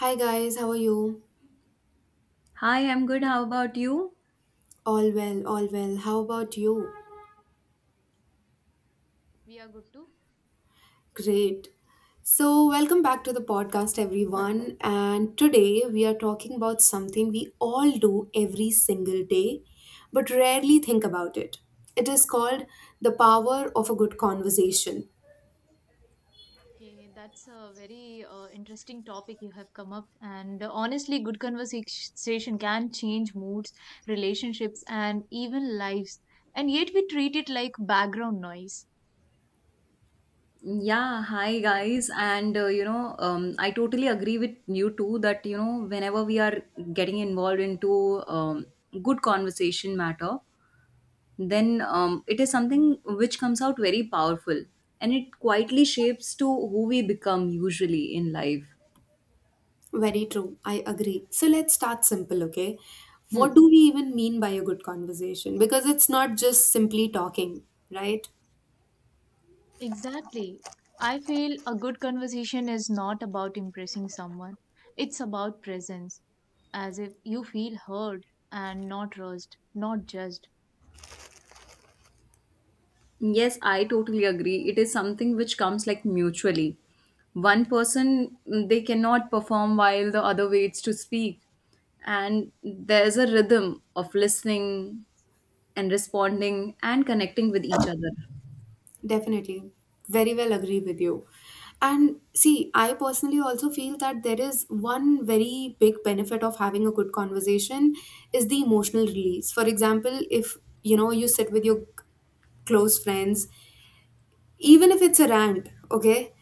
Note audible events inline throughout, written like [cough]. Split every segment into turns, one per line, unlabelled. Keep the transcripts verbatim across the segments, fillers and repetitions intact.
Hi guys, how are you?
Hi, I'm good. How about you?
All well, all well. How about you?
We are good too.
Great. So, welcome back to the podcast, everyone. And today we are talking about something we all do every single day, but rarely think about it. It is called the power of a good conversation.
Okay, that's a very uh, interesting topic you have come up. And honestly, good conversation can change moods, relationships, and even lives. And yet we treat it like background noise.
Yeah, hi
Right.
guys. And uh, you know, um, I totally agree with you too that you know, whenever we are getting involved into um, good conversation matter, then um, it is something which comes out very powerful, and it quietly shapes to who we become usually in life.
Very true, I agree. So, let's start simple, okay?
Hmm.
What do we even mean by a good conversation? Because it's not just simply talking, right?
Exactly. I feel a good conversation is not about impressing someone, it's about presence, as if you feel heard and not rushed, not judged.
Yes, I totally agree. It is something which comes like mutually. One person mm, they cannot perform while the other waits to speak, and there's a rhythm of listening and responding and connecting with each other.
Definitely. Very well agree with you. And see, I personally also feel that there is one very big benefit of having a good conversation is the emotional release. For example, if you know you sit with your close friends, even if it's a rant, okay?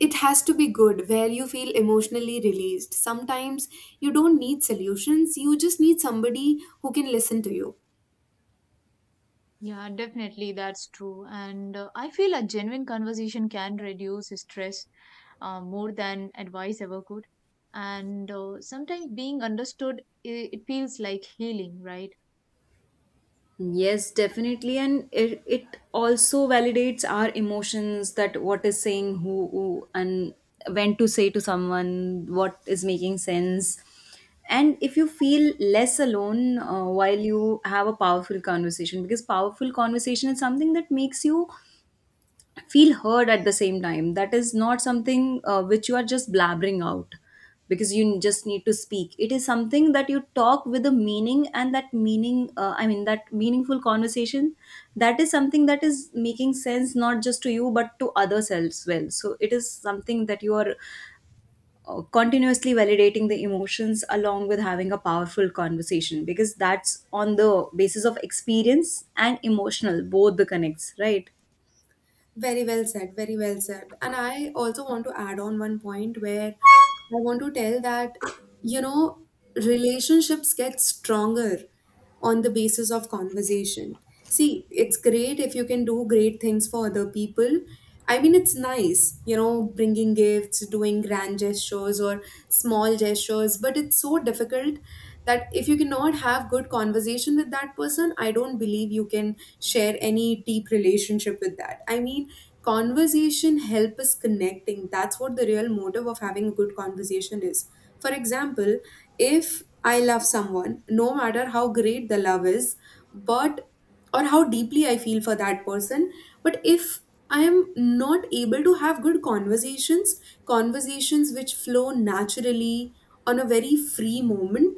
It has to be good where you feel emotionally released. Sometimes you don't need solutions, you just need somebody who can listen to you.
Yeah, definitely, that's true. And uh, I feel a genuine conversation can reduce stress uh, more than advice ever could. And uh, sometimes being understood, it, it feels like healing, right?
Yes, definitely. And it, it also validates our emotions, that what is saying who, who and when to say to someone, what is making sense. And if you feel less alone uh, while you have a powerful conversation, because powerful conversation is something that makes you feel heard. At the same time, that is not something uh, which you are just blabbering out because you just need to speak. It is something that you talk with a meaning, and that meaning, uh, i mean that meaningful conversation, that is something that is making sense not just to you but to others as well. So it is something that you are uh, continuously validating the emotions along with having a powerful conversation, because that's on the basis of experience and emotional both the connects, right?
Very well said, very well said. And I also want to add on one point where I want to tell that, you know, relationships get stronger on the basis of conversation. See, it's great if you can do great things for other people. I mean, it's nice, you know, bringing gifts, doing grand gestures or small gestures, but it's so difficult that if you cannot have good conversation with that person, I don't believe you can share any deep relationship with that. I mean, conversation help us connecting. That's what the real motive of having a good conversation is. For example, if I love someone, no matter how great the love is, but or how deeply I feel for that person, but if I am not able to have good conversations, conversations which flow naturally on a very free moment,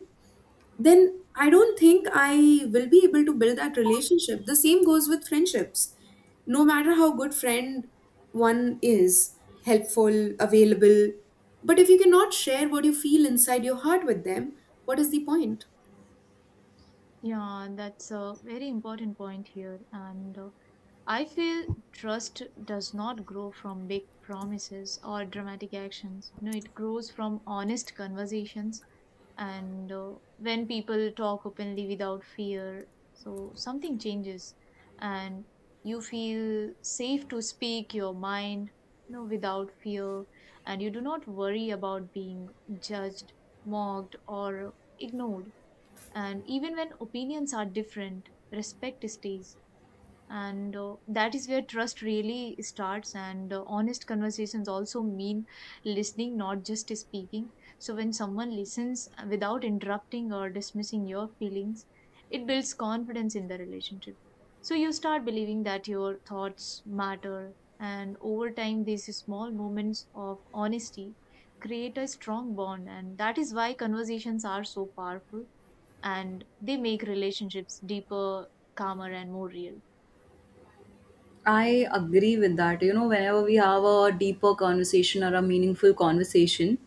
then I don't think I will be able to build that relationship. The same goes with friendships. No matter how good friend one is, helpful, available, but if you cannot share what you feel inside your heart with them, what is the point?
Yeah, that's a very important point here. And uh, I feel trust does not grow from big promises or dramatic actions. You know, it grows from honest conversations and uh, when people talk openly without fear, so something changes, and you feel safe to speak your mind, you know, without fear, and you do not worry about being judged, mocked, or ignored. And even when opinions are different, respect stays. And uh, that is where trust really starts. And uh, honest conversations also mean listening, not just speaking. So when someone listens without interrupting or dismissing your feelings, it builds confidence in the relationship, so you start believing that your thoughts matter. And over time these small moments of honesty create a strong bond, and that is why conversations are so powerful, and they make relationships deeper, calmer, and more real.
I agree with that. You know, whenever we have a deeper conversation or a meaningful conversation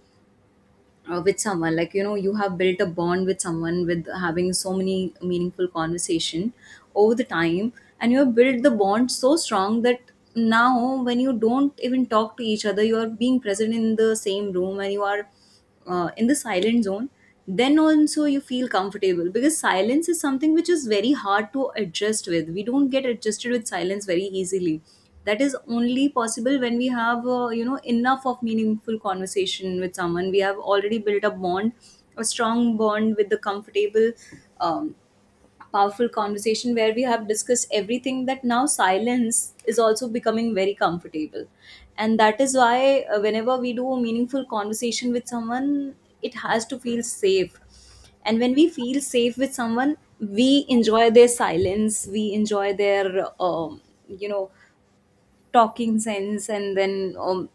uh, with someone, like you know, you have built a bond with someone with having so many meaningful conversation over the time, and you have built the bond so strong that now when you don't even talk to each other, you are being present in the same room and you are uh, in the silent zone, then also you feel comfortable, because silence is something which is very hard to adjust with. We don't get adjusted with silence very easily. That is only possible when we have uh, you know enough of meaningful conversation with someone. We have already built a bond, a strong bond, with the comfortable, um, powerful conversation, where we have discussed everything, that now silence is also becoming very comfortable. And that is why uh, whenever we do a meaningful conversation with someone, it has to feel safe. And when we feel safe with someone, we enjoy their silence, we enjoy their um, you know talking sense, and then um,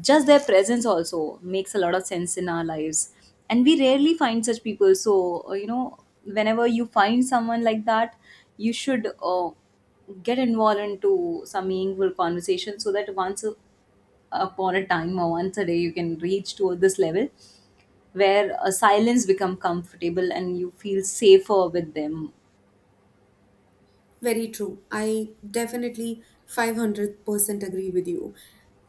just their presence also makes a lot of sense in our lives. And we rarely find such people, so uh, you know whenever you find someone like that, you should uh, get involved into some meaningful conversation, so that once a- upon a time or once a day, you can reach to this level where a silence become comfortable and you feel safer with them.
Very true. I definitely five hundred percent agree with you.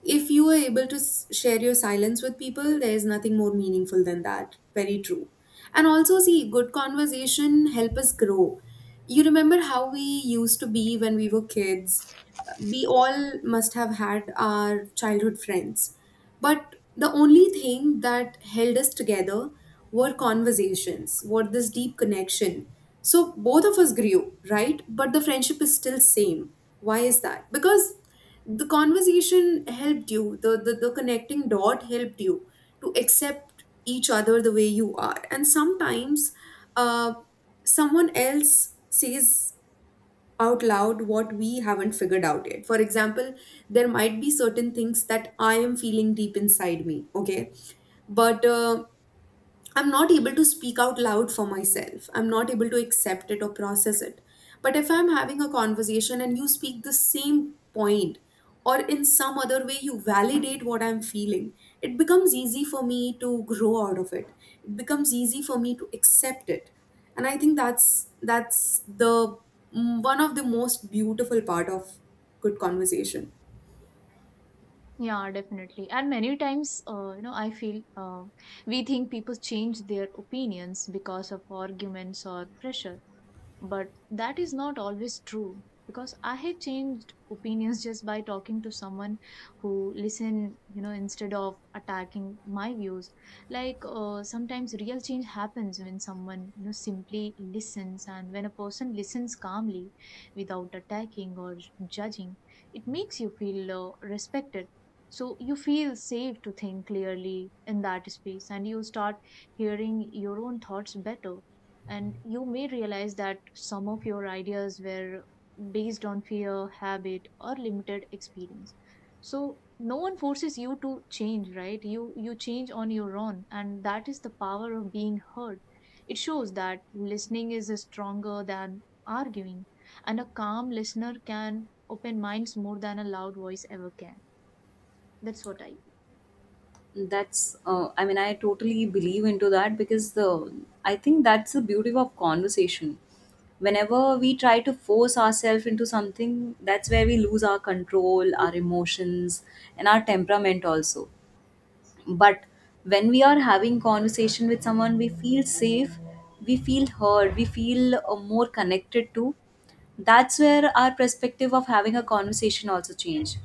If you are able to s- share your silence with people, there is nothing more meaningful than that. Very true. And also, see, good conversation help us grow. You remember how we used to be when we were kids? We all must have had our childhood friends. But the only thing that held us together were conversations, were this deep connection. So both of us grew, right? But the friendship is still same. Why is that? Because the conversation helped you, the, the, the connecting dot helped you to accept each other the way you are. And sometimes uh, someone else says out loud what we haven't figured out yet. For example, there might be certain things that I am feeling deep inside me, okay? But uh, I'm not able to speak out loud for myself. I'm not able to accept it or process it. But if I'm having a conversation and you speak the same point, or in some other way you validate what I'm feeling, it becomes easy for me to grow out of it. It becomes easy for me to accept it. And I think that's that's the mm, one of the most beautiful part of good conversation.
Yeah, definitely. And many times, uh, you know, I feel uh, we think people change their opinions because of arguments or pressure. But that is not always true, because I have changed opinions [laughs] just by talking to someone who listen, you know, instead of attacking my views. Like uh, sometimes real change happens when someone, you know, simply listens. And when a person listens calmly without attacking or judging, it makes you feel uh, respected. So you feel safe to think clearly in that space, and you start hearing your own thoughts better, and you may realize that some of your ideas were based on fear, habit, or limited experience. So no one forces you to change, right? You you change on your own, and that is the power of being heard. It shows that listening is stronger than arguing, and a calm listener can open minds more than a loud voice ever can. That's what I.
That's uh, i mean i totally believe into that because the I think that's the beauty of conversation. Whenever we try to force ourselves into something, that's where we lose our control, our emotions, and our temperament also. But when we are having conversation with someone, we feel safe, we feel heard, we feel uh, more connected to. That's where our perspective of having a conversation also change.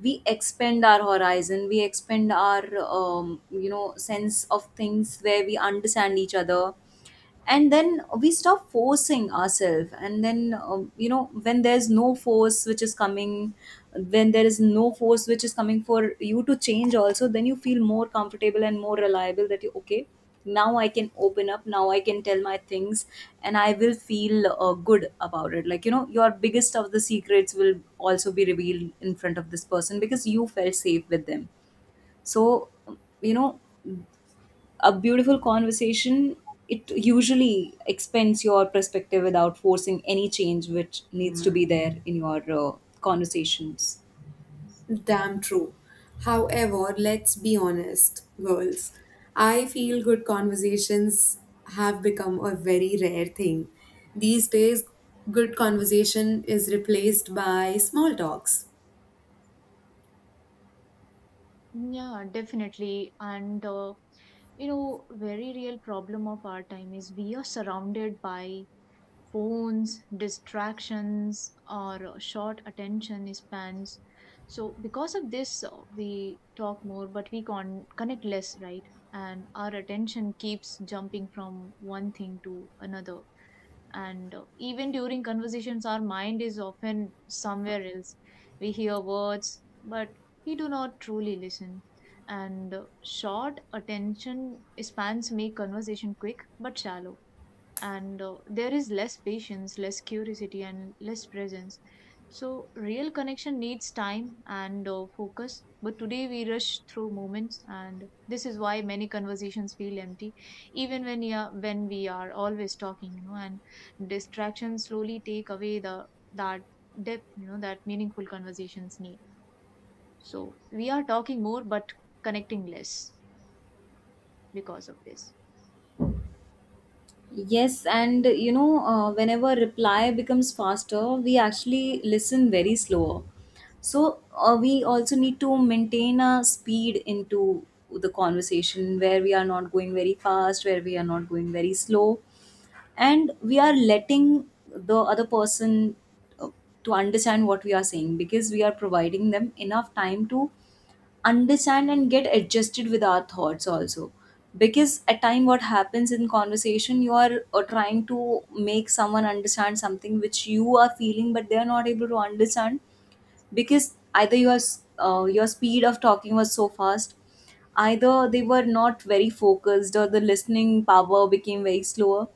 We expand our horizon, we expand our um, you know sense of things, where we understand each other, and then we stop forcing ourselves. And then um, you know when there's no force which is coming, when there is no force which is coming for you to change also, then you feel more comfortable and more reliable, that you okay, now I can open up, now I can tell my things, and I will feel uh, good about it. like you know your biggest of the secrets will also be revealed in front of this person, because you felt safe with them. So, you know, a beautiful conversation, it usually expands your perspective without forcing any change which needs to be there in your uh, conversations.
Damn true. However, let's be honest, girls. I feel good conversations have become a very rare thing. These days, good conversation is replaced by small talks.
think. Yeah, definitely, and. Uh, you know, very real problem of our time is we are surrounded by phones, distractions, or uh, short attention spans. So because of this, uh, we talk more but we con- connect less, right? And our attention keeps jumping from one thing to another, and even during conversations our mind is often somewhere else. We hear words but we do not truly listen. And uh, short attention spans make conversation quick but shallow. And uh, there is less patience, less curiosity, and less presence. So real connection needs time and uh, focus, but today we rush through moments, and this is why many conversations feel empty even when we are when we are always talking, you know. And distractions slowly take away the that depth, you know, that meaningful conversations need. So we are talking more but connecting less because of this.
Yes, and you know uh, whenever reply becomes faster, we actually listen very slower. So uh, we also need to maintain a speed into the conversation, where we are not going very fast, where we are not going very slow, and we are letting the other person uh, to understand what we are saying, because we are providing them enough time to understand and get adjusted with our thoughts also. Because at time, what happens in conversation, you are uh, trying to make someone understand something which you are feeling, but they are not able to understand, because either your s- uh, your speed of talking was so fast, either they were not very focused, or the listening power became very slower.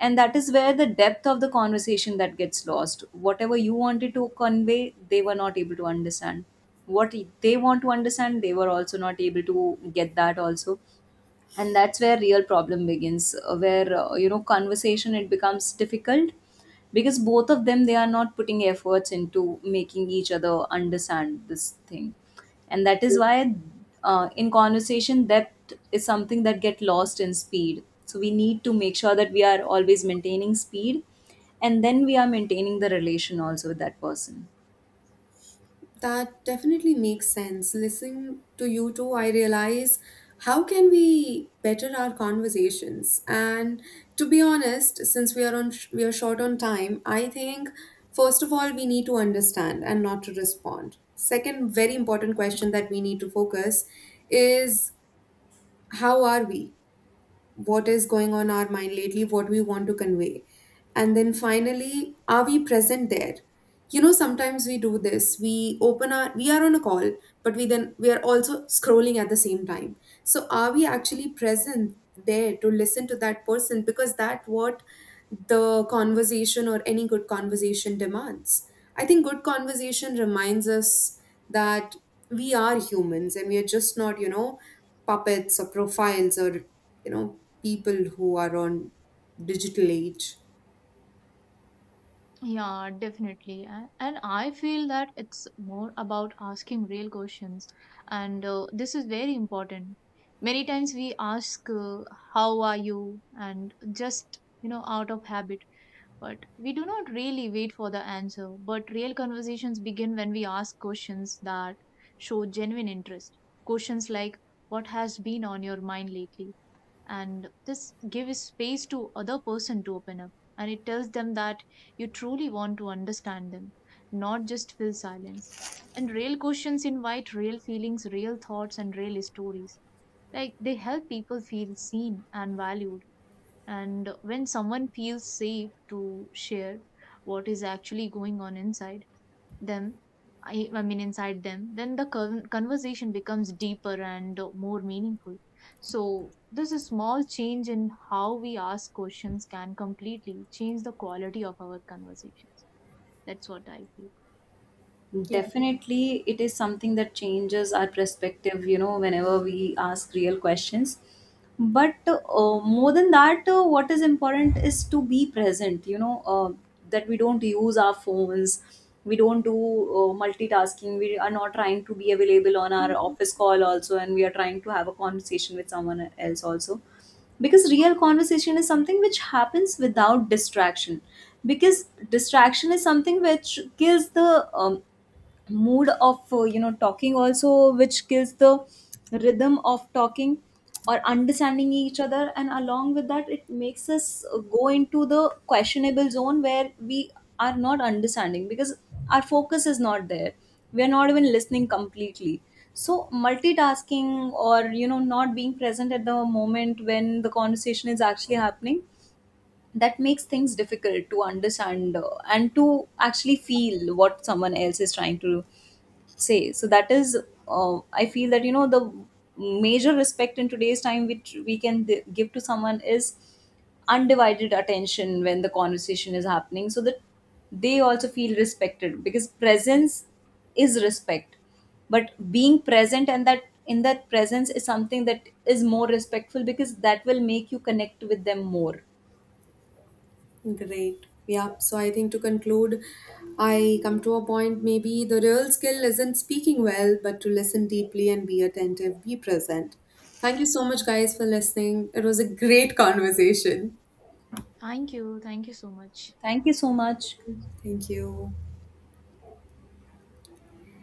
And that is where the depth of the conversation that gets lost. Whatever you wanted to convey, they were not able to understand. What they want to understand, they were also not able to get that also. And that's where real problem begins, uh, where uh, you know conversation it becomes difficult, because both of them they are not putting efforts into making each other understand this thing. And that is why uh, in conversation, depth is something that get lost in speed. So we need to make sure that we are always maintaining speed, and then we are maintaining the relation also with that person.
That definitely makes sense. Listening to you two, I realize how can we better our conversations? And to be honest, since we are on we are short on time, I think first of all we need to understand and not to respond. Second, very important question that we need to focus is, how are we? What is going on our mind lately, what we want to convey, and then finally, are we present there? You know sometimes we do this, we open our we are on a call, but we then we are also scrolling at the same time. So are we actually present there to listen to that person? Because that what the conversation or any good conversation demands. I think good conversation reminds us that we are humans and we are just not, you know, puppets or profiles or, you know, people who are on digital age.
Yeah, definitely. a- And I feel that it's more about asking real questions. And uh, this is very important. Many times we ask, uh, How are you? And just, you know, out of habit. But we do not really wait for the answer. But real conversations begin when we ask questions that show genuine interest. Questions like, What has been on your mind lately? And this gives space to other person to open up, and it tells them that you truly want to understand them, not just fill silence. And real questions invite real feelings, real thoughts, and real stories. Like, they help people feel seen and valued. And when someone feels safe to share what is actually going on inside them, I, I mean inside them, then the con- conversation becomes deeper and uh, more meaningful. So this is small change in how we ask questions can completely change the quality of our conversations. That's what I feel.
Definitely, it is something that changes our perspective, you know, whenever we ask real questions. But uh, more than that, uh, what is important is to be present, you know, uh, that we don't use our phones, we don't do uh, multitasking, we are not trying to be available on our office call also, and we are trying to have a conversation with someone else also. Because real conversation is something which happens without distraction, because distraction is something which kills the um, mood of, uh, you know talking also, which kills the rhythm of talking or understanding each other. And along with that, it makes us uh, go into the questionable zone, where we are not understanding because our focus is not there, we are not even listening completely. So multitasking, or you know, not being present at the moment when the conversation is actually happening, that makes things difficult to understand, uh, and to actually feel what someone else is trying to do say. So that is, uh, I feel that, you know, the major respect in today's time which we can th- give to someone is undivided attention when the conversation is happening, so that they also feel respected. Because presence is respect, but being present and that in that presence is something that is more respectful, because that will make you connect with them more.
Great. Yeah. So I think to conclude, I come to a point, maybe the real skill isn't speaking well, but to listen deeply and be attentive, be present. Thank you so much, guys, for listening. It was a great conversation.
Thank you, thank you so much.
Thank you so much.
Thank you.